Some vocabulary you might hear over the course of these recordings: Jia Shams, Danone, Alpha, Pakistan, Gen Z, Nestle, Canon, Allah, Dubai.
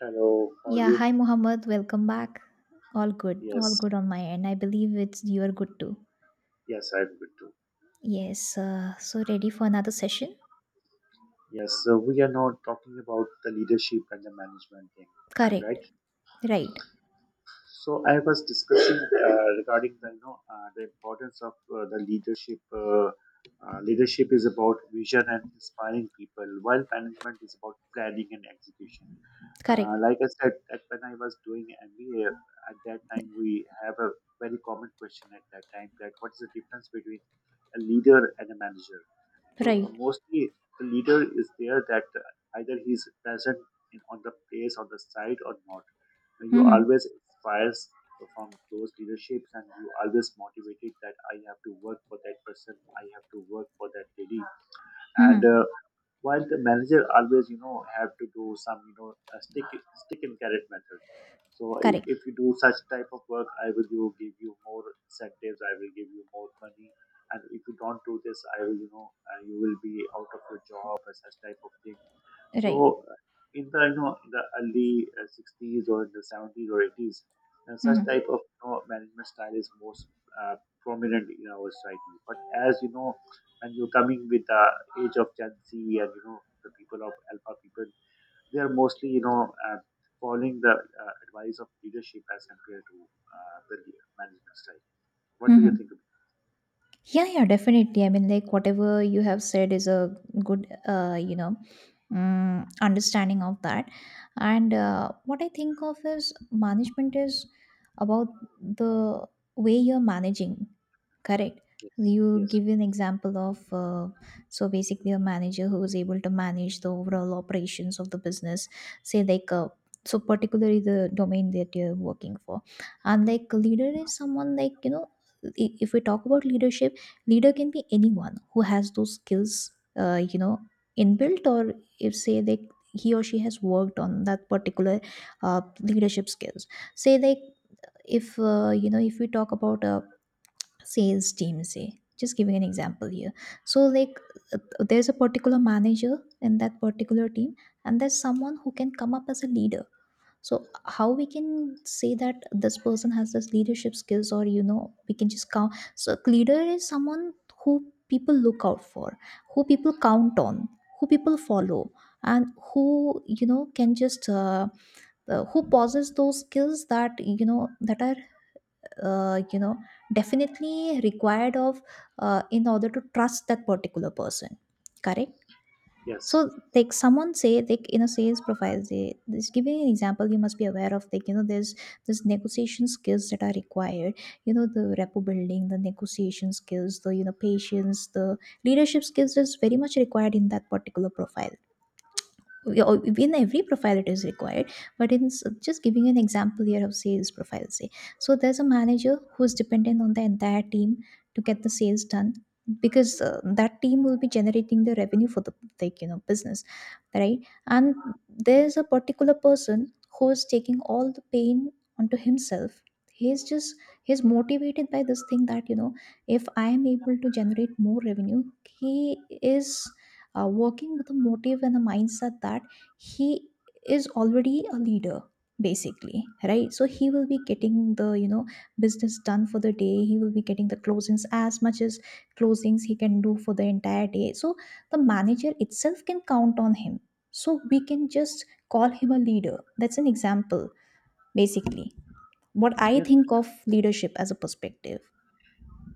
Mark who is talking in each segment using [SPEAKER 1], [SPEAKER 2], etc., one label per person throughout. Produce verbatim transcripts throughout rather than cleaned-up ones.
[SPEAKER 1] Hello, how are
[SPEAKER 2] Yeah,
[SPEAKER 1] you?
[SPEAKER 2] hi Mohammed, welcome back. All good, all
[SPEAKER 1] Yes,
[SPEAKER 2] good on my end. I believe it's you are good too.
[SPEAKER 1] yes, I'm good too.
[SPEAKER 2] Yes, uh, so ready for another session?
[SPEAKER 1] Yes, so we are now talking about the leadership and the management thing. I'm
[SPEAKER 2] Correct,
[SPEAKER 1] right.
[SPEAKER 2] right,
[SPEAKER 1] So I was discussing uh, regarding the you know uh, the importance of uh, the leadership. Uh, uh, leadership is about vision and inspiring people, while management is about planning and execution. Uh,
[SPEAKER 2] correct,
[SPEAKER 1] like I said, that when I was doing M B A, at that time we have a very common question at that time that what is the difference between a leader and a manager? So uh,
[SPEAKER 2] right.
[SPEAKER 1] mostly the leader is there that uh, either he's present in, on the place, on the site or not. And you
[SPEAKER 2] Mm-hmm.
[SPEAKER 1] always inspires from those leaderships and you always motivated that I have to work for that person, I have to work for that lady. And
[SPEAKER 2] Mm-hmm.
[SPEAKER 1] uh, while the manager always, you know, have to do some, you know, uh, stick stick and carrot method. So i-
[SPEAKER 2] Correct,
[SPEAKER 1] if you do such type of work, I will you give you more incentives. I will give you more money. And if you don't do this, I will, you know, uh, you will be out of your job and such type of thing.
[SPEAKER 2] right.
[SPEAKER 1] So in the you know in the early uh, sixties or in the seventies or eighties, uh, such
[SPEAKER 2] Mm-hmm.
[SPEAKER 1] type of you know, management style is most uh, prominent in our society. But as you know, when you're coming with the age of Gen Z and you know the people of Alpha people, they are mostly you know uh, following the uh, advice of leadership as compared to uh, the management style. What do you
[SPEAKER 2] Mm-hmm.
[SPEAKER 1] think about?
[SPEAKER 2] Yeah, yeah, definitely. I mean, like whatever you have said is a good, uh, you know, mm, understanding of that, and uh, what I think of is management is about the way you're managing. Correct. You
[SPEAKER 1] Yes,
[SPEAKER 2] give an example of uh, so basically a manager who is able to manage the overall operations of the business, say like, uh, so particularly the domain that you're working for. And like a leader is someone, like, you know, i- if we talk about leadership, leader can be anyone who has those skills, uh, you know, inbuilt, or if say they, he or she has worked on that particular, uh, leadership skills, say, like, if, uh, you know, if we talk about a sales team, say, just giving an example here, so like, uh, there's a particular manager in that particular team, and there's someone who can come up as a leader. So how we can say that this person has this leadership skills, or you know, we can just count. So leader is someone who people look out for, who people count on, who people follow, and who, you know, can just uh, uh, who possess those skills that, you know, that are, uh, you know, definitely required of, uh, in order to trust that particular person. Correct. So
[SPEAKER 1] yes,
[SPEAKER 2] like someone say like in a sales profile, they, this giving an example, you must be aware of, like, you know, there's this negotiation skills that are required. You know, the rapport building, the negotiation skills, the, you know, patience, the leadership skills is very much required in that particular profile. Yeah, or in every profile it is required. But in s- just giving an example here of sales profile, say. So there's a manager who's dependent on the entire team to get the sales done, because uh, that team will be generating the revenue for the, like, you know, business, right. And there's a particular person who's taking all the pain onto himself. He's just, he's motivated by this thing that, you know, if I am able to generate more revenue, he is, uh, working with a motive and a mindset that he is already a leader, basically, right. So he will be getting the, you know, business done for the day. He will be getting the closings, as much as closings he can do for the entire day. So the manager itself can count on him, so we can just call him a leader. That's an example, basically. What I
[SPEAKER 1] yes.
[SPEAKER 2] think
[SPEAKER 1] Yes,
[SPEAKER 2] of leadership as a perspective.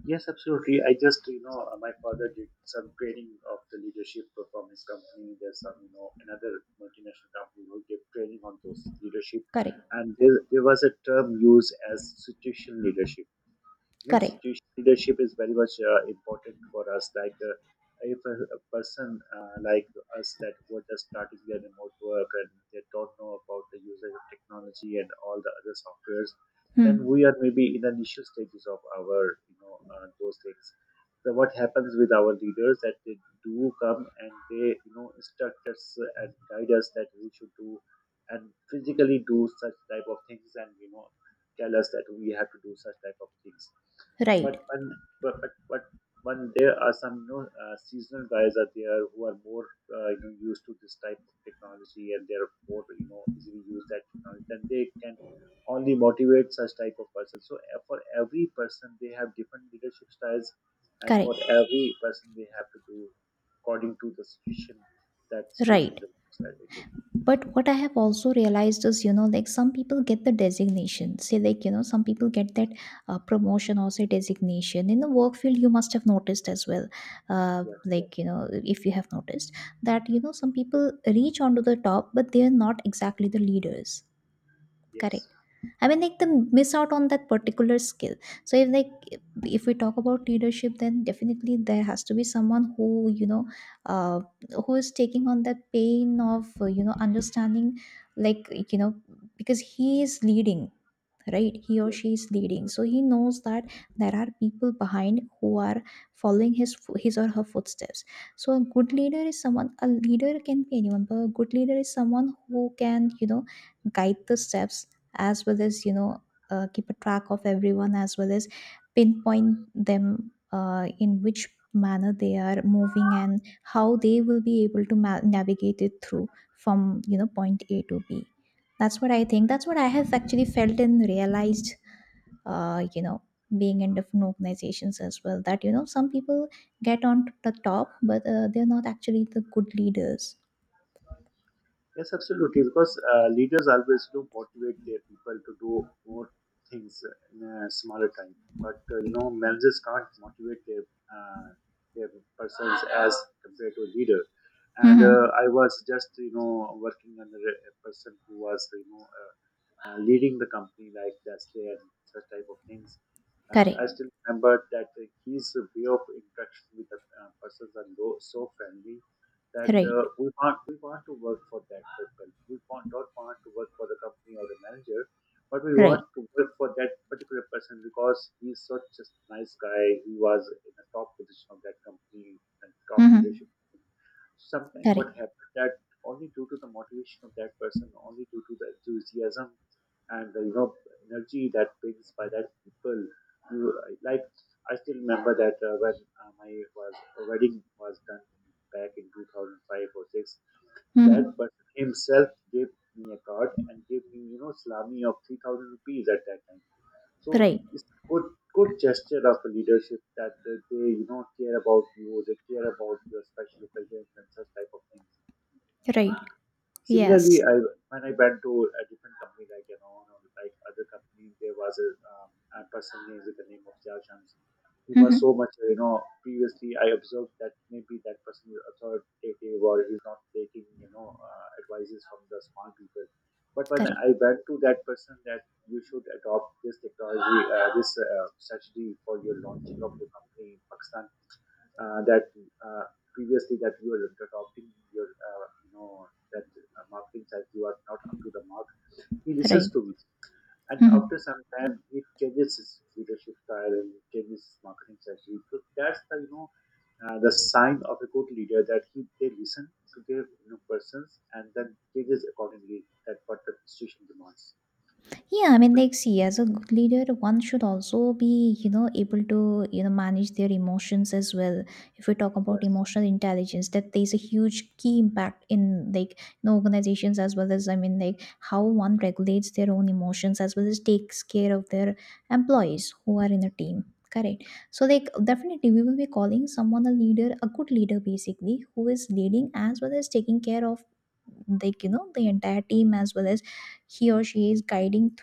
[SPEAKER 1] Yes, absolutely. I just, you know, uh, my father did some training of the leadership from his company. There's some, you know, another multinational company who gave training on those leadership.
[SPEAKER 2] Correct,
[SPEAKER 1] And there, there was a term used as situational leadership. You know,
[SPEAKER 2] correct.
[SPEAKER 1] situational leadership is very much uh, important for us like uh, if a, a person uh, like us that were just starting their remote work and they don't know about the usage of technology and all the other softwares, then
[SPEAKER 2] Hmm.
[SPEAKER 1] we are maybe in the initial stages of our you know uh, those things. So what happens with our leaders that they do come and they you know instruct us and guide us that we should do and physically do such type of things and you know tell us that we have to do such type of things.
[SPEAKER 2] Right.
[SPEAKER 1] But when but but, but when there are some you know, uh, seasonal guys are there who are more uh, you know used to this type of technology and they're more you know easily use that technology, then they can only motivate such type of person. So uh, for every person, they have different leadership styles, and for
[SPEAKER 2] Correct.
[SPEAKER 1] every person, they have to do according to the situation that situation
[SPEAKER 2] Right.
[SPEAKER 1] demands. Uh, it is.
[SPEAKER 2] But what I have also realized is, you know, like some people get the designation. Say, like, you know, some people get that uh, promotion or say designation. In the work field, you must have noticed as well, uh,
[SPEAKER 1] Yeah,
[SPEAKER 2] like, you
[SPEAKER 1] yes,
[SPEAKER 2] know, if you have noticed that, you know, some people reach onto the top, but they are not exactly the leaders. Correct. I mean, like, they miss out on that particular skill. So, if like, if we talk about leadership, then definitely there has to be someone who, you know, uh, who is taking on that pain of, uh, you know, understanding, like, you know, because he is leading, right, he or
[SPEAKER 1] yes,
[SPEAKER 2] she is leading,
[SPEAKER 1] yes.
[SPEAKER 2] so he knows that there are people behind who are following his fo- his or her footsteps. So a good leader is someone, a leader can be anyone, but a good leader is someone who can, you know, guide the steps, as well as, you know, uh, keep a track of everyone, as well as pinpoint them, uh, in which manner they are moving and how they will be able to ma- navigate it through from, you know, point A to B. That's what I think. That's what I have actually felt and realized, uh, you know, being in different organizations as well. That, you know, some people get on to the top, but uh, they're not actually the good leaders.
[SPEAKER 1] Yes, absolutely. Because uh, leaders always do motivate their people to do more things in a smaller time. But uh, you know, managers can't motivate their uh, their persons as compared to a leader. And uh,
[SPEAKER 2] Mm-hmm.
[SPEAKER 1] I was just you know working under a a person who was you know uh, uh, leading the company like Nestle and such type of things. And
[SPEAKER 2] Correct.
[SPEAKER 1] I still remember that uh, his way of interaction with the uh, persons are low, so friendly that uh,
[SPEAKER 2] Right.
[SPEAKER 1] we want we want to work for that people. We want don't want to work for the company or the manager, but we
[SPEAKER 2] Right.
[SPEAKER 1] want to work for that particular person because he's such a nice guy. He was in the top position of that company and top
[SPEAKER 2] Mm-hmm.
[SPEAKER 1] leadership. Sometimes what
[SPEAKER 2] Correct.
[SPEAKER 1] happened that only due to the motivation of that person, only due to the enthusiasm and the, you know, energy that brings by that people. You, like, I still remember that uh, when uh, my was wedding was done back in two thousand five or six, that
[SPEAKER 2] Mm-hmm.
[SPEAKER 1] person himself gave me a card and gave me you know salami of three thousand rupees at that time. So
[SPEAKER 2] Right.
[SPEAKER 1] it's a good good gesture of a leadership that uh, they you know care about you, they care about your special occasions and such type of things.
[SPEAKER 2] Right.
[SPEAKER 1] Similarly,
[SPEAKER 2] Yes.
[SPEAKER 1] I, when I went to a different company like Canon or like other company, there was a, uh, a person named with the name of Jia Shams. He was
[SPEAKER 2] Mm-hmm.
[SPEAKER 1] so much, you know, previously I observed that maybe that person is authoritative or he's not taking, you know, uh, advices from the smart people. But when
[SPEAKER 2] Correct.
[SPEAKER 1] I went to that person that you should adopt this technology, uh, this uh, strategy for your launching of your company in Pakistan, uh, that uh, previously that you were adopting your uh, you know that uh, marketing side you are not up to the mark. He
[SPEAKER 2] Right.
[SPEAKER 1] listens to me and
[SPEAKER 2] Mm-hmm.
[SPEAKER 1] after some time he changes his leadership style and changes his marketing strategy. So so that's the you know uh, the sign of a good leader that he they listen to their you know persons and then changes accordingly that what the situation demands.
[SPEAKER 2] Yeah, I mean,
[SPEAKER 1] But
[SPEAKER 2] like, see, as a good leader, one should also be, you know, able to, you know, manage their emotions as well. If we talk about
[SPEAKER 1] yes,
[SPEAKER 2] emotional intelligence, that there's a huge key impact in, like, you know, organizations as well as, I mean, like, how one regulates their own emotions as well as takes care of their employees who are in a team. Correct. So, like, definitely, we will be calling someone a leader, a good leader, basically, who is leading as well as taking care of, like, you know, the entire team, as well as he or she is guiding.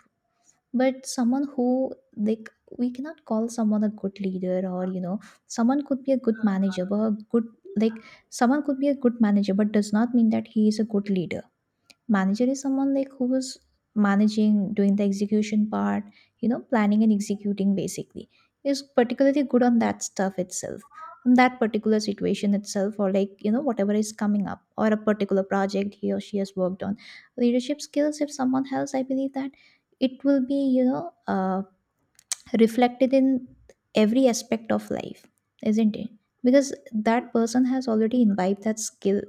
[SPEAKER 2] But someone who like, we cannot call someone a good leader, or you know, someone could be a good manager but a good, like, someone could be a good manager but does not mean that he is a good leader. Manager is someone like who was managing, doing the execution part, you know, planning and executing, basically. Is particularly good on that stuff itself. On that particular situation itself, or like, you know, whatever is coming up, or a particular project he or she has worked on. Leadership skills, if someone else, I believe that it will be, you know, uh, reflected in every aspect of life, isn't it? Because that person has already imbibed that skill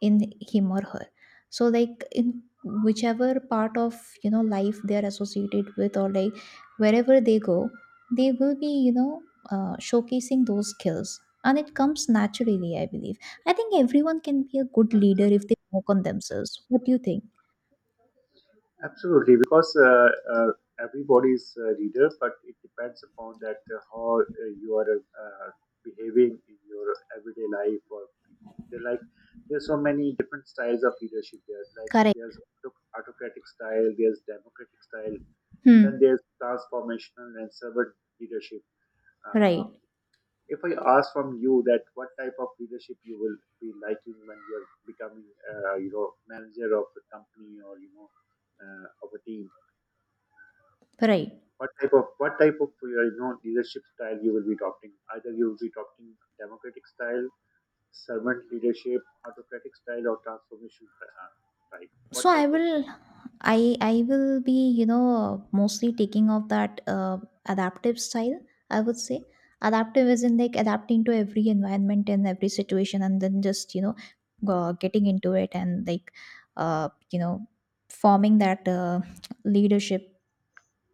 [SPEAKER 2] in him or her. So, like in whichever part of, you know, life they are associated with, or like wherever they go, they will be, you know, uh, showcasing those skills, and it comes naturally, I believe. I think everyone can be a good leader if they work on themselves. What do you think?
[SPEAKER 1] absolutely, because uh, uh, everybody is a reader, but it depends upon that uh, how uh, you are uh, behaving in your everyday life. Or they like, there's so many different styles of leadership there. Like
[SPEAKER 2] Correct.
[SPEAKER 1] there's auto- autocratic style, there's democratic style, and then
[SPEAKER 2] Hmm.
[SPEAKER 1] there's transformational and servant leadership. Uh,
[SPEAKER 2] Right.
[SPEAKER 1] if I ask from you that what type of leadership you will be liking when you are becoming, uh, you know, manager of a company or you know, uh, of a team,
[SPEAKER 2] Right.
[SPEAKER 1] what type of what type of uh, you know leadership style you will be adopting? Either you will be adopting democratic style, servant leadership, autocratic style, or transformation uh, type. What
[SPEAKER 2] so i
[SPEAKER 1] type of
[SPEAKER 2] will
[SPEAKER 1] leadership?
[SPEAKER 2] i i will be, you know, mostly taking of that, uh, adaptive style, I would say. Adaptive is in, like, adapting to every environment and every situation, and then just, you know, uh, getting into it, and like, uh, you know, forming that, uh, leadership,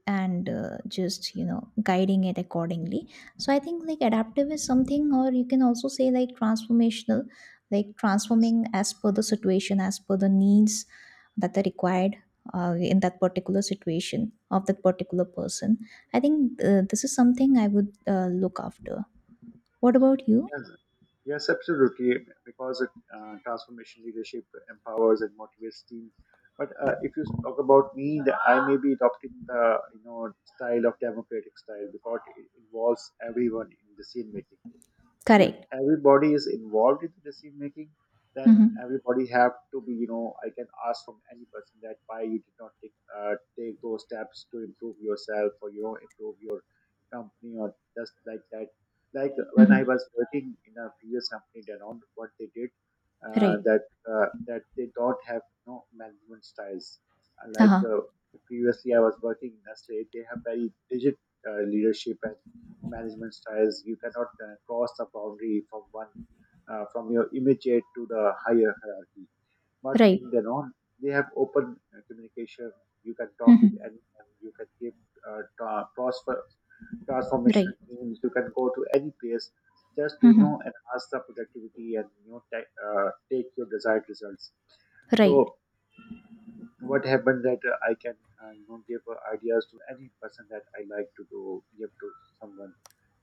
[SPEAKER 2] and uh, just, you know, guiding it accordingly. So I think like adaptive is something, or you can also say like transformational, like transforming as per the situation, as per the needs that are required, uh, in that particular situation of that particular person. I think, uh, this is something I would, uh, look after. What about you?
[SPEAKER 1] Yes, yes, absolutely. Because it, uh, transformation leadership empowers and motivates team. But uh, if you talk about me, the, I may be adopting the you know style of democratic style because it involves everyone in decision making. If
[SPEAKER 2] Correct.
[SPEAKER 1] everybody is involved in the decision making, then
[SPEAKER 2] Mm-hmm.
[SPEAKER 1] everybody have to be you know I can ask from any person that why you did not take uh, take those steps to improve yourself or you know improve your company or just like that. Like when I
[SPEAKER 2] Mm-hmm.
[SPEAKER 1] was working in a previous company Danone, what they did, uh,
[SPEAKER 2] Right.
[SPEAKER 1] that uh, that they don't have no management styles. Uh, like
[SPEAKER 2] Uh-huh.
[SPEAKER 1] uh, Previously I was working in Nestle, they have very rigid uh, leadership and management styles. You cannot uh, cross the boundary from one uh, from your immediate to the higher hierarchy. But
[SPEAKER 2] Right.
[SPEAKER 1] in Danone, they have open uh, communication. You can talk with
[SPEAKER 2] Mm-hmm.
[SPEAKER 1] anyone. You can give uh, tra- transfer transformation
[SPEAKER 2] Right.
[SPEAKER 1] teams. You can go to any place just to you know
[SPEAKER 2] Mm-hmm.
[SPEAKER 1] enhance the productivity and you know ta- uh, take your desired results.
[SPEAKER 2] Right.
[SPEAKER 1] So what happened that uh, I can uh, you know give uh, ideas to any person that I like to do give to someone,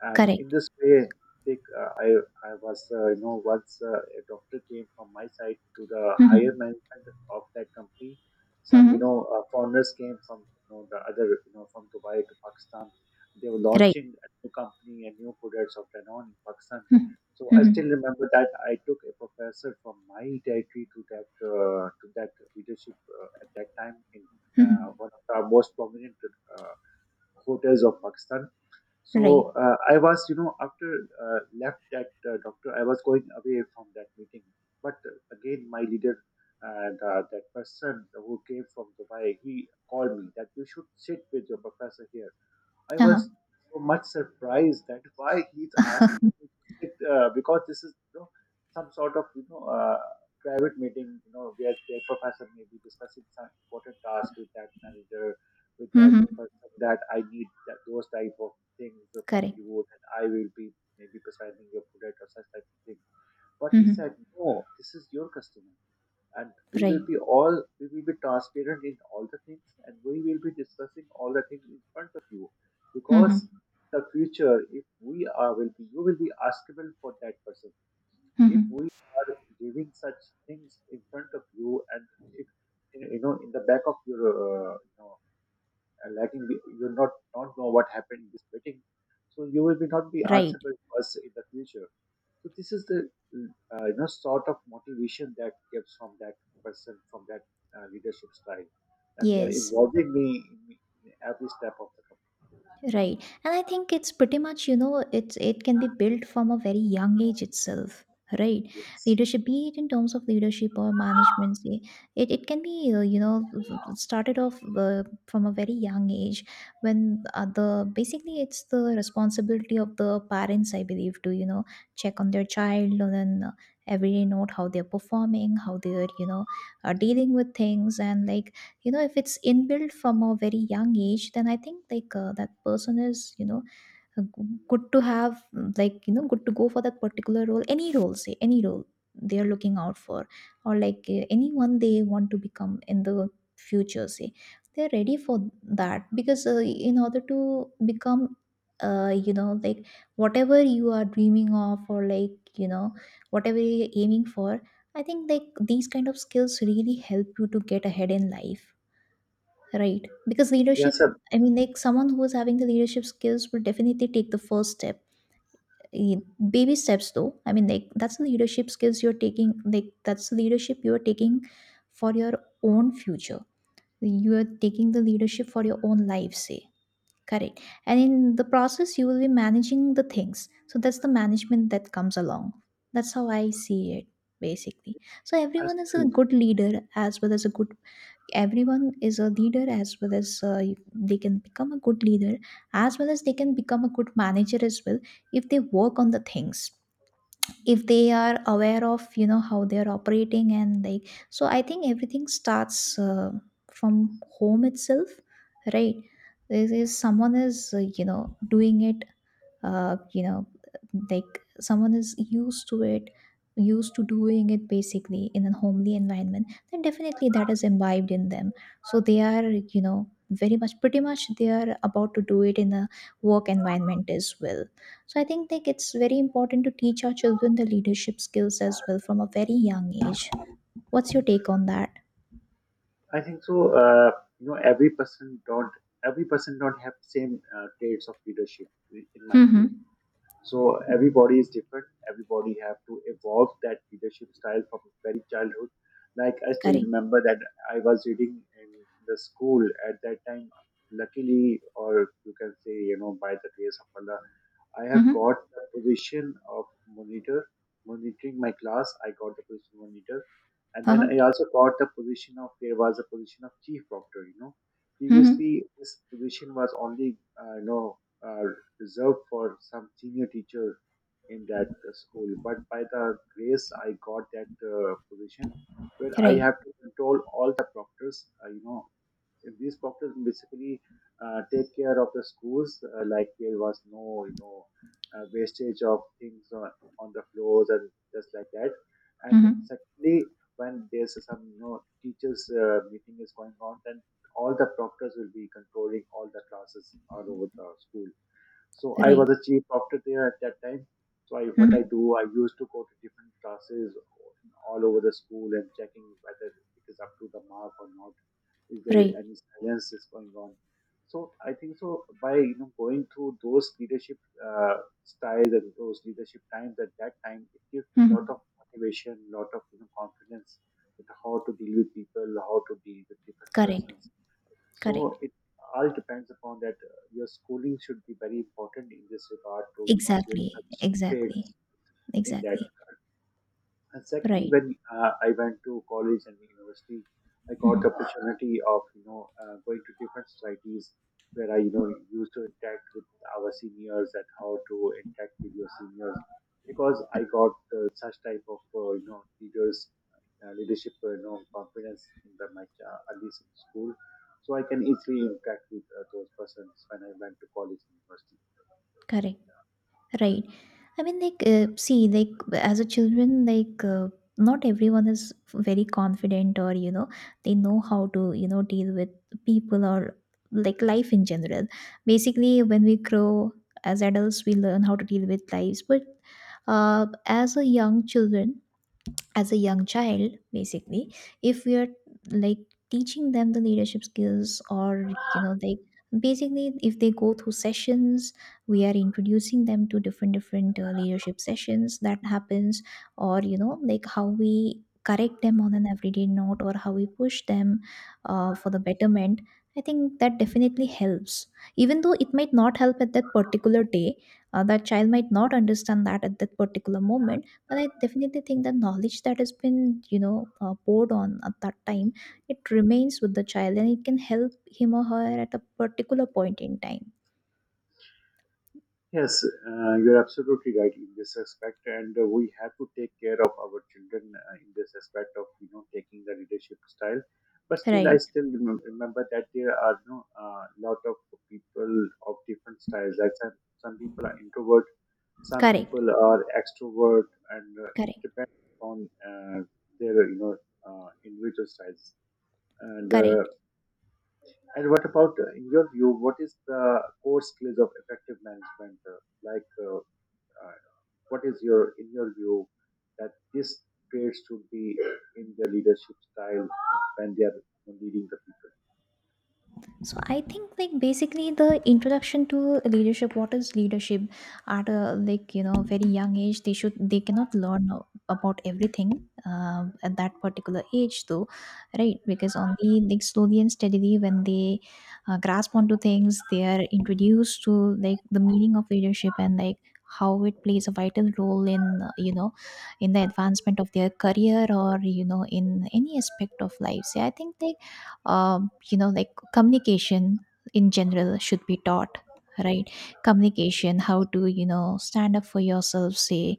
[SPEAKER 1] and in
[SPEAKER 2] Correct.
[SPEAKER 1] this way, think uh, I I was uh, you know once uh, a doctor came from my side to the higher
[SPEAKER 2] Mm-hmm.
[SPEAKER 1] management of that company. Some you
[SPEAKER 2] Mm-hmm.
[SPEAKER 1] know uh, foreigners came from you know the other you know from Dubai to Pakistan. They were
[SPEAKER 2] Right.
[SPEAKER 1] launching a new company and new products of Danone in Pakistan.
[SPEAKER 2] Mm-hmm.
[SPEAKER 1] So I
[SPEAKER 2] Mm-hmm.
[SPEAKER 1] still remember that I took a professor from my territory to that uh, to that leadership uh, at that time in
[SPEAKER 2] Mm-hmm.
[SPEAKER 1] uh, one of the most prominent uh, hotels of Pakistan.
[SPEAKER 2] Right.
[SPEAKER 1] So uh, I was, you know, after uh, left that uh, doctor, I was going away from that meeting. But uh, again, my leader and uh, the, that person who came from Dubai, he called me that you should sit with your professor here. I was
[SPEAKER 2] Uh-huh.
[SPEAKER 1] so much surprised that why he's asking me to sit uh, because this is you know some sort of you know uh, private meeting you know where their professor may be discussing some important task with that manager with that
[SPEAKER 2] Mhm.
[SPEAKER 1] person that I need that those type of things from
[SPEAKER 2] Correct.
[SPEAKER 1] you and I will be maybe prescribing your product or such type of thing. But he
[SPEAKER 2] Mhm.
[SPEAKER 1] said no, this is your customer and we will
[SPEAKER 2] Right.
[SPEAKER 1] be all we will be transparent in all the things and we will be discussing all the things in front of you because
[SPEAKER 2] Mhm.
[SPEAKER 1] the future if we are will be you will be askable for that person if
[SPEAKER 2] Mhm.
[SPEAKER 1] we are giving such things in front of you and if you know in the back of your uh, you know, uh, lagging, we- you not not know what happened in this meeting, so you will be not be
[SPEAKER 2] Right.
[SPEAKER 1] answerable to us in the future. So this is the uh, you know sort of motivation that comes from that person from that uh, leadership style that they are
[SPEAKER 2] Yes.
[SPEAKER 1] involving me in, in every step of the company.
[SPEAKER 2] Right. And I think it's pretty much, you know, it's, it can be built from a very young age itself. Right.
[SPEAKER 1] Yes,
[SPEAKER 2] Leadership, be it in terms of leadership or management, say, it, it can be, uh, you know, started off uh, from a very young age, when uh, the basically it's the responsibility of the parents, I believe, to, you know, check on their child, and then uh, every day note how they're performing, how they're, you know, uh, dealing with things, and like, you know, if it's inbuilt from a very young age, then I think like, uh, that person is you know uh, g- good to have, mm, like, you know, good to go for that particular role, any role, say any role they are looking out for, or like, uh, anyone they want to become in the future, say, they're ready for that, because uh, in order to become, uh, you know, like whatever you are dreaming of, or like, you know, whatever you're aiming for, I think like these kind of skills really help you to get ahead in life. Right. Because leadership,
[SPEAKER 1] yes, sir.
[SPEAKER 2] I mean, like someone who is having the leadership skills will definitely take the first step. Eh, baby steps, though. I mean, like that's the leadership skills you're taking. Like that's the leadership you are taking for your own future. You are taking the leadership for your own life, say. Correct. And in the process, you will be managing the things. So that's the management that comes along. That's how I see it, basically. So
[SPEAKER 1] I
[SPEAKER 2] everyone is a
[SPEAKER 1] still,
[SPEAKER 2] good leader as well as a good everyone is a leader as well as uh, you- they can become a good leader as well as they can become a good manager as well if they work on the things, if they are aware of you know how they are operating. And like, so I think everything starts uh, from home itself, right? This is someone is uh, you know doing it, uh, you know like someone is used to it, used to doing it basically in a homely environment. Then definitely that is imbibed in them, so they are, you know very much, pretty much they are about to do it in a work environment as well. So I think like it's very important to teach our children the leadership skills as well from a very young age. What's your take on that?
[SPEAKER 1] I think so. Uh, you know, every person don't every person don't have same uh, traits of leadership in in my view.
[SPEAKER 2] Mm-hmm.
[SPEAKER 1] So everybody is different. Everybody have to evolve that leadership style from very childhood. Like I still
[SPEAKER 2] Correct.
[SPEAKER 1] remember that I was reading in the school at that time. Luckily, or you can say, you know, by the grace of Allah, I have
[SPEAKER 2] Mm-hmm.
[SPEAKER 1] got the position of monitor, monitoring my class. I got the position monitor, and then
[SPEAKER 2] Uh-huh.
[SPEAKER 1] I also got the position of there was a position of chief proctor. You know,
[SPEAKER 2] Mm-hmm.
[SPEAKER 1] previously this position was only uh, you know are reserved for some senior teacher in that uh, school. But by the grace, I got that uh, position where I
[SPEAKER 2] Right.
[SPEAKER 1] have to control all the proctors. Uh, you know, and these proctors basically uh, take care of the schools. Uh, like there was no, you know, uh, wastage of things on, on the floors and just like that. And
[SPEAKER 2] Mm-hmm.
[SPEAKER 1] secondly, when there's some, you know, teachers uh, meeting is going on, then all the proctors will be controlling all the classes all over the school. So I
[SPEAKER 2] Right.
[SPEAKER 1] was a chief proctor there at that time. So I, what
[SPEAKER 2] Mm-hmm.
[SPEAKER 1] I do, I used to go to different classes all over the school and checking whether it is up to the mark or not. Is there
[SPEAKER 2] Right.
[SPEAKER 1] any silence is going on? So I think so by you know going through those leadership uh, styles and those leadership times at that time, it gives me a lot
[SPEAKER 2] Mm-hmm.
[SPEAKER 1] of motivation, lot of you know confidence with how to deal with people, how to deal with different
[SPEAKER 2] Correct.
[SPEAKER 1] persons.
[SPEAKER 2] Correct.
[SPEAKER 1] So it all depends upon that uh, your schooling should be very important in this regard to you know build
[SPEAKER 2] Exactly,
[SPEAKER 1] such
[SPEAKER 2] exactly,
[SPEAKER 1] traits in that.
[SPEAKER 2] exactly.
[SPEAKER 1] And secondly,
[SPEAKER 2] Right.
[SPEAKER 1] when uh, I went to college and university, I got the
[SPEAKER 2] Mhm.
[SPEAKER 1] opportunity of you know uh, going to different societies where I you know used to interact with our seniors and how to interact with your seniors because
[SPEAKER 2] Uh,
[SPEAKER 1] I got uh, such type of uh, you know leaders uh, leadership uh, you know confidence in the, my uh, early school, so I can easily interact with uh, those persons when I went to college and university.
[SPEAKER 2] Correct. Right. I mean, like, uh, see, like, as a children, like, uh, not everyone is very confident, or you know, they know how to, you know, deal with people or like life in general. Basically, when we grow as adults, we learn how to deal with lives, but uh, as a young children, as a young child basically, if we are like teaching them the leadership skills, or you know, like basically if they go through sessions, we are introducing them to different different uh, leadership sessions that happens, or you know like how we correct them on an everyday note or how we push them uh, for the betterment, I think that definitely helps, even though it might not help at that particular day. Uh, that child might not understand that at that particular moment, and I definitely think the knowledge that has been, you know, uh, poured on at that time, it remains with the child and it can help him or her at a particular point in time.
[SPEAKER 1] Yes, uh, you're absolutely right in this aspect, and uh, we have to take care of our children uh, in this aspect of you know taking the leadership style. But still, I
[SPEAKER 2] Right.
[SPEAKER 1] still remem- remember that there are you know a lot of people of different styles. Like some, some people are introvert, some
[SPEAKER 2] Correct.
[SPEAKER 1] people are extrovert, and uh, it
[SPEAKER 2] Correct.
[SPEAKER 1] depends on uh, their you know uh, individual styles. And uh,
[SPEAKER 2] Correct.
[SPEAKER 1] and what about, uh, in your view, what is the core skills of effective management? Uh, like, uh, uh, what is your, in your view, that this traits should be in their leadership style when they are leading the people?
[SPEAKER 2] So I think like basically the introduction to leadership, what is leadership at a like you know very young age, they should, they cannot learn a- about everything uh, at that particular age though, right? Because only like slowly and steadily when they uh, grasp onto things, they are introduced to like the meaning of leadership and like how it plays a vital role in uh, you know in the advancement of their career or you know in any aspect of life. So I think like, um, you know, like communication in general should be taught, right? Communication, how to you know stand up for yourself, say,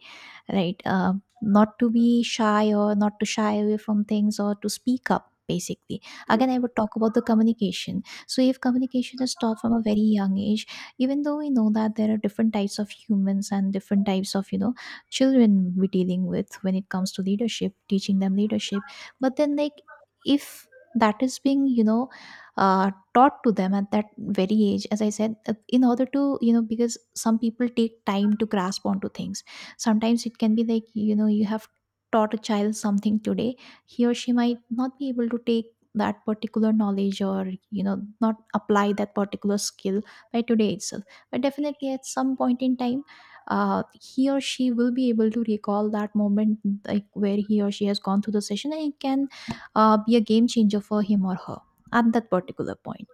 [SPEAKER 2] right? Uh, not to be shy or not to shy away from things or to speak up basically. Again, I
[SPEAKER 1] Yes.
[SPEAKER 2] would talk about the communication. So if communication is taught from a very young age, even though we know that there are different types of humans and different types of you know children we're dealing with when it comes to leadership, teaching them leadership, but then like, if that is being you know uh, taught to them at that very age, as I said, uh, in order to you know, because some people take time to grasp onto things, sometimes it can be like, you know, you have taught a child something today, he or she might not be able to take that particular knowledge or you know not apply that particular skill by today itself, but definitely at some point in time, uh, he or she will be able to recall that moment, like where he or she has gone through the session, and it can uh, be a game changer for him or her at that particular point.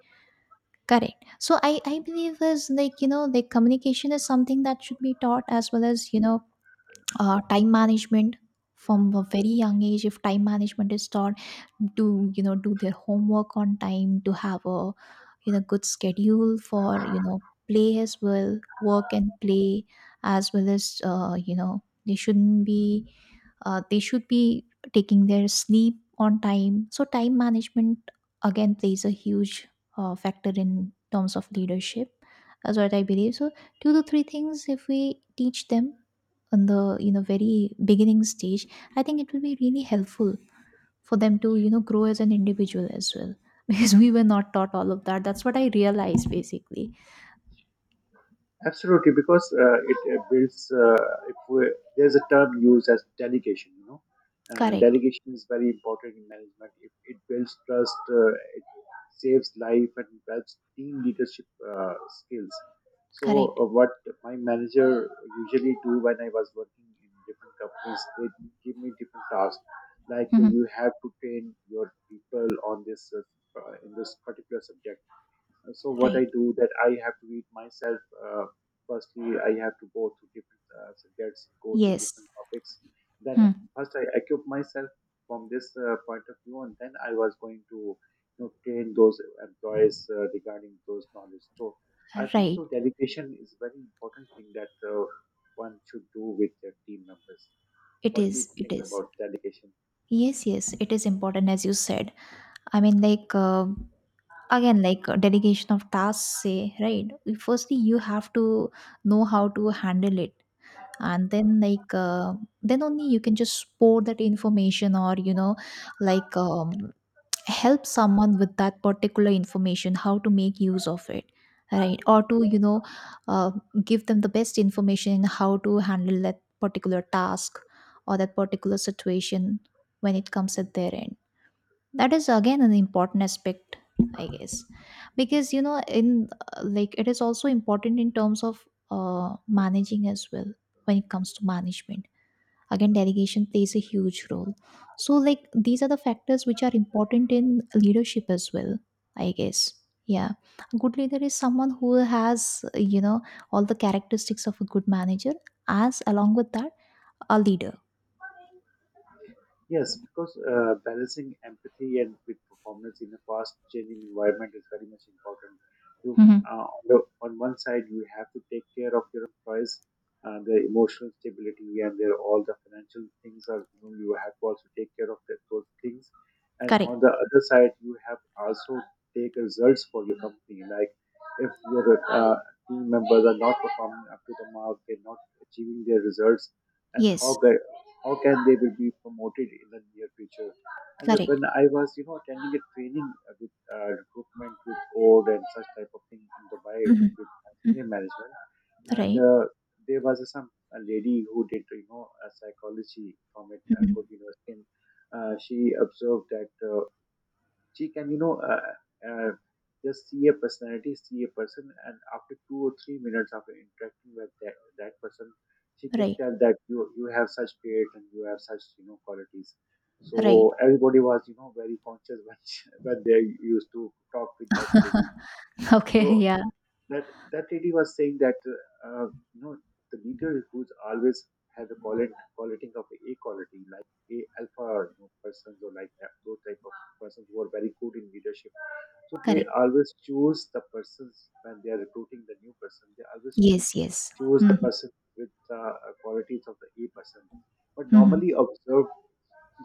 [SPEAKER 2] Correct. So i i believe is like, you know, like communication is something that should be taught, as well as you know uh, time management. From a very young age, if time management is taught, to you know do their homework on time, to have a you know good schedule for you know play as well, work and play, as well as uh, you know they shouldn't be uh, they should be taking their sleep on time. So time management again plays a huge uh, factor in terms of leadership. That's what I believe. So two to three things if we teach them on the you know very beginning stage, I think it will be really helpful for them to you know grow as an individual as well. Because we were not taught all of that. That's what I realized basically.
[SPEAKER 1] Absolutely, because uh, it uh, builds. Uh, if we, there's a term used as delegation, you know, uh,
[SPEAKER 2] Correct.
[SPEAKER 1] delegation is very important in management. It, it builds trust. Uh, it saves life and helps team leadership uh, skills. So,
[SPEAKER 2] Correct.
[SPEAKER 1] uh, what my manager usually do when I was working in different companies, they give me different tasks, like uh,
[SPEAKER 2] Mhm.
[SPEAKER 1] you have to train your people on this uh, in this particular subject. So what
[SPEAKER 2] Right.
[SPEAKER 1] I do that I have to read myself. uh, Firstly, I have to go to different uh, subjects, go to
[SPEAKER 2] Yes.
[SPEAKER 1] different topics, then
[SPEAKER 2] Hmm.
[SPEAKER 1] first I equip myself from this uh, point of view and then I was going to you know train those employees uh, regarding those knowledge. So I think
[SPEAKER 2] Right.
[SPEAKER 1] so delegation is very important thing that uh, one should do with their team members.
[SPEAKER 2] It
[SPEAKER 1] What do you
[SPEAKER 2] is, it
[SPEAKER 1] think
[SPEAKER 2] is.
[SPEAKER 1] about delegation?
[SPEAKER 2] Yes, yes, it is important, as you said. I mean, like, uh, again like uh, delegation of tasks, say, right? Firstly, you have to know how to handle it, and then like uh, then only you can just pour that information or you know like, um, help someone with that particular information, how to make use of it, right? Or to you know uh, give them the best information in how to handle that particular task or that particular situation when it comes at their end. That is again an important aspect, I guess. Because you know in uh, like it is also important in terms of uh, managing as well. When it comes to management, again delegation plays a huge role. So like these are the factors which are important in leadership as well, I guess. Yeah. A good leader is someone who has uh, you know all the characteristics of a good manager, as along with that a leader.
[SPEAKER 1] Yes, because uh, balancing empathy and with performance in a fast-changing environment is very much important. You,
[SPEAKER 2] Mhm.
[SPEAKER 1] uh, on, the, on one side, you have to take care of your employees, uh, their emotional stability, and their all the financial things. Are you, know, you have to also take care of that, those things. And
[SPEAKER 2] Correct.
[SPEAKER 1] on the other side, you have also take results for your company. Like if your uh, team members are not performing up to the mark, they're not achieving their results and
[SPEAKER 2] Yes.
[SPEAKER 1] how can, how can they will be promoted in the near future. And
[SPEAKER 2] Correct.
[SPEAKER 1] when I was, you know, attending a training uh, with uh, recruitment with code and such type of thing in Dubai
[SPEAKER 2] Mhm.
[SPEAKER 1] with senior
[SPEAKER 2] Mhm.
[SPEAKER 1] management, and
[SPEAKER 2] Right.
[SPEAKER 1] uh, there was a, some a lady who did, you know, a psychology from it a
[SPEAKER 2] Mhm.
[SPEAKER 1] good university. And, uh, she observed that. Uh, she can, you know, uh, uh, just see a personality, see a person, and after two or three minutes after interacting with that, that person, she can
[SPEAKER 2] Right.
[SPEAKER 1] tell that you you have such trait and you have such you know qualities. So
[SPEAKER 2] Right.
[SPEAKER 1] everybody was you know very conscious when she, when they used to talk with that lady.
[SPEAKER 2] Okay,
[SPEAKER 1] So
[SPEAKER 2] yeah.
[SPEAKER 1] that that lady was saying that uh, you know the leader who's always have a quality quality of a quality like a alpha you know, persons or like that, those type of persons who are very good in leadership, so they
[SPEAKER 2] Correct.
[SPEAKER 1] always choose the persons when they are recruiting the new person. They always choose
[SPEAKER 2] Yes. Yes.
[SPEAKER 1] choose the
[SPEAKER 2] Mm-hmm.
[SPEAKER 1] person with the uh, qualities of the A person. But
[SPEAKER 2] Mm-hmm.
[SPEAKER 1] normally observe,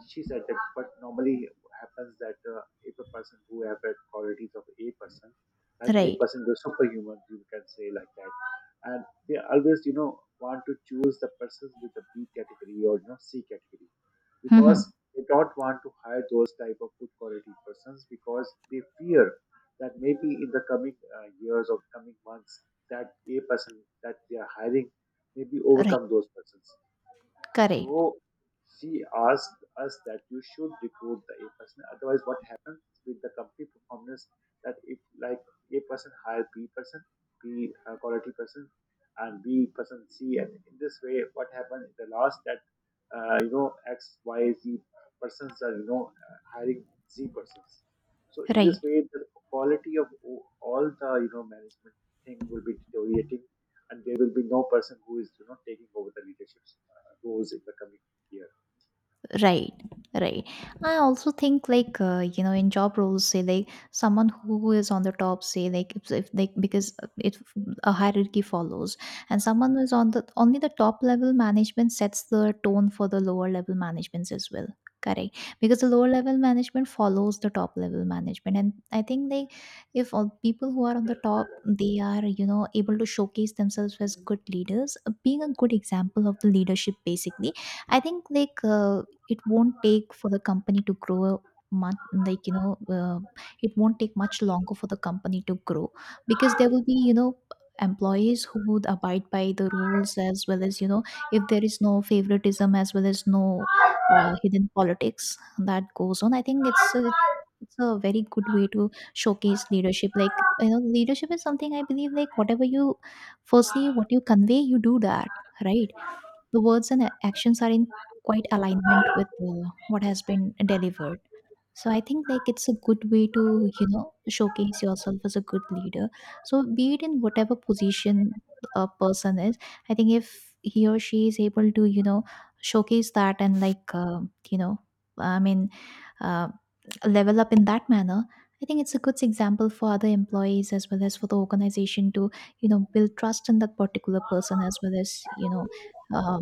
[SPEAKER 1] she said that. But normally happens that uh, if a person who have the qualities of A person, like A
[SPEAKER 2] Right.
[SPEAKER 1] person, the superhuman. You can say like that, and they always you know want to choose the persons with the B category or you know C category
[SPEAKER 2] Mm-hmm.
[SPEAKER 1] because they don't want to hire those type of good quality persons because they fear that maybe in the coming uh, years or coming months that a person that they are hiring maybe
[SPEAKER 2] Right.
[SPEAKER 1] overcome those persons.
[SPEAKER 2] Correct.
[SPEAKER 1] So she asked us that you should recruit the A person. Otherwise, what happens with the company performance that if like A person hire B person, B uh, quality person, and B person C, and in this way, what happens in the last that uh, you know X Y Z persons are you know uh, hiring Z persons. So in this
[SPEAKER 2] Right.
[SPEAKER 1] way, the quality of o- all the you know management thing will be deteriorating and there will be no person who is you know taking over the leadership uh, roles in the coming year.
[SPEAKER 2] Right, right. I also think like uh, you know in job roles, say like someone who is on the top, say like if, if like because it a hierarchy follows, and someone who is on the only the top level management sets the tone for the lower level managements as well. Correct, because the
[SPEAKER 1] Yes.
[SPEAKER 2] lower level management follows the top level management, and I think like if all people who are on the top, they are you know able to showcase themselves as good leaders, being a good example of the leadership basically, I think like, uh, it won't take for the company to grow much, like you know uh, it won't take much longer for the company to grow, because there will be you know employees who would abide by the rules, as well as you know if there is no favoritism as well as no uh, hidden politics that goes on. I think it's it's it's a very good way to showcase leadership. Like you know, leadership is something I believe, like whatever you foresee, what you convey, you do that, right? The words and actions are in quite alignment with uh, what has been delivered. So I think like it's a good way to, you know, showcase yourself as a good leader. So be it in whatever position a person is, I think if he or she is able to, you know, showcase that and like, uh, you know, I mean, uh, level up in that manner, I think it's a good example for other employees as well as for the organization to, you know, build trust in that particular person as well as, you know, uh,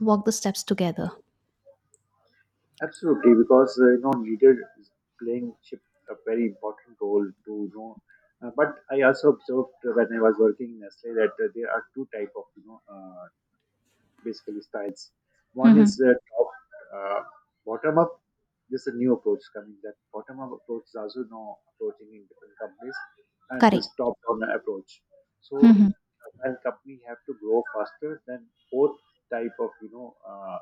[SPEAKER 2] walk the steps together.
[SPEAKER 1] Absolutely, because uh, you know leader is playing chip a very important role to you know. Uh, but I also observed uh, when I was working in Nestle that uh, there are two type of you know uh, basically styles. One
[SPEAKER 2] Hmm.
[SPEAKER 1] is uh, top uh, bottom up. This is a new approach coming. That bottom up approach is also now approaching in different companies, and
[SPEAKER 2] Correct.
[SPEAKER 1] this top down approach. So,
[SPEAKER 2] Hmm.
[SPEAKER 1] uh, while company have to grow faster, then both type of you know. Uh,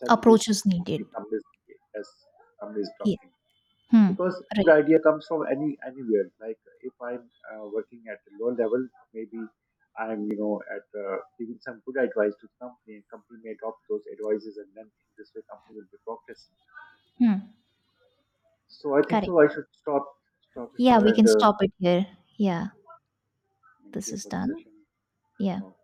[SPEAKER 1] That it
[SPEAKER 2] Approach
[SPEAKER 1] is
[SPEAKER 2] is needed.
[SPEAKER 1] only communist as communist
[SPEAKER 2] Yes.
[SPEAKER 1] doctrine.
[SPEAKER 2] Hmm.
[SPEAKER 1] Because good
[SPEAKER 2] Right.
[SPEAKER 1] idea comes from any anywhere. Like if I'm uh, working at a low level, maybe I'm you know at uh, giving some good advice to the company, and company may adopt those advices, and then in this way, company will be progressing.
[SPEAKER 2] Hmm.
[SPEAKER 1] So I think
[SPEAKER 2] Correct.
[SPEAKER 1] so. I should stop stop it
[SPEAKER 2] Yeah,
[SPEAKER 1] here
[SPEAKER 2] we
[SPEAKER 1] and
[SPEAKER 2] can
[SPEAKER 1] uh,
[SPEAKER 2] stop it here. Yeah,
[SPEAKER 1] thank
[SPEAKER 2] this
[SPEAKER 1] you
[SPEAKER 2] is
[SPEAKER 1] for the
[SPEAKER 2] done.
[SPEAKER 1] session.
[SPEAKER 2] Yeah.
[SPEAKER 1] Uh,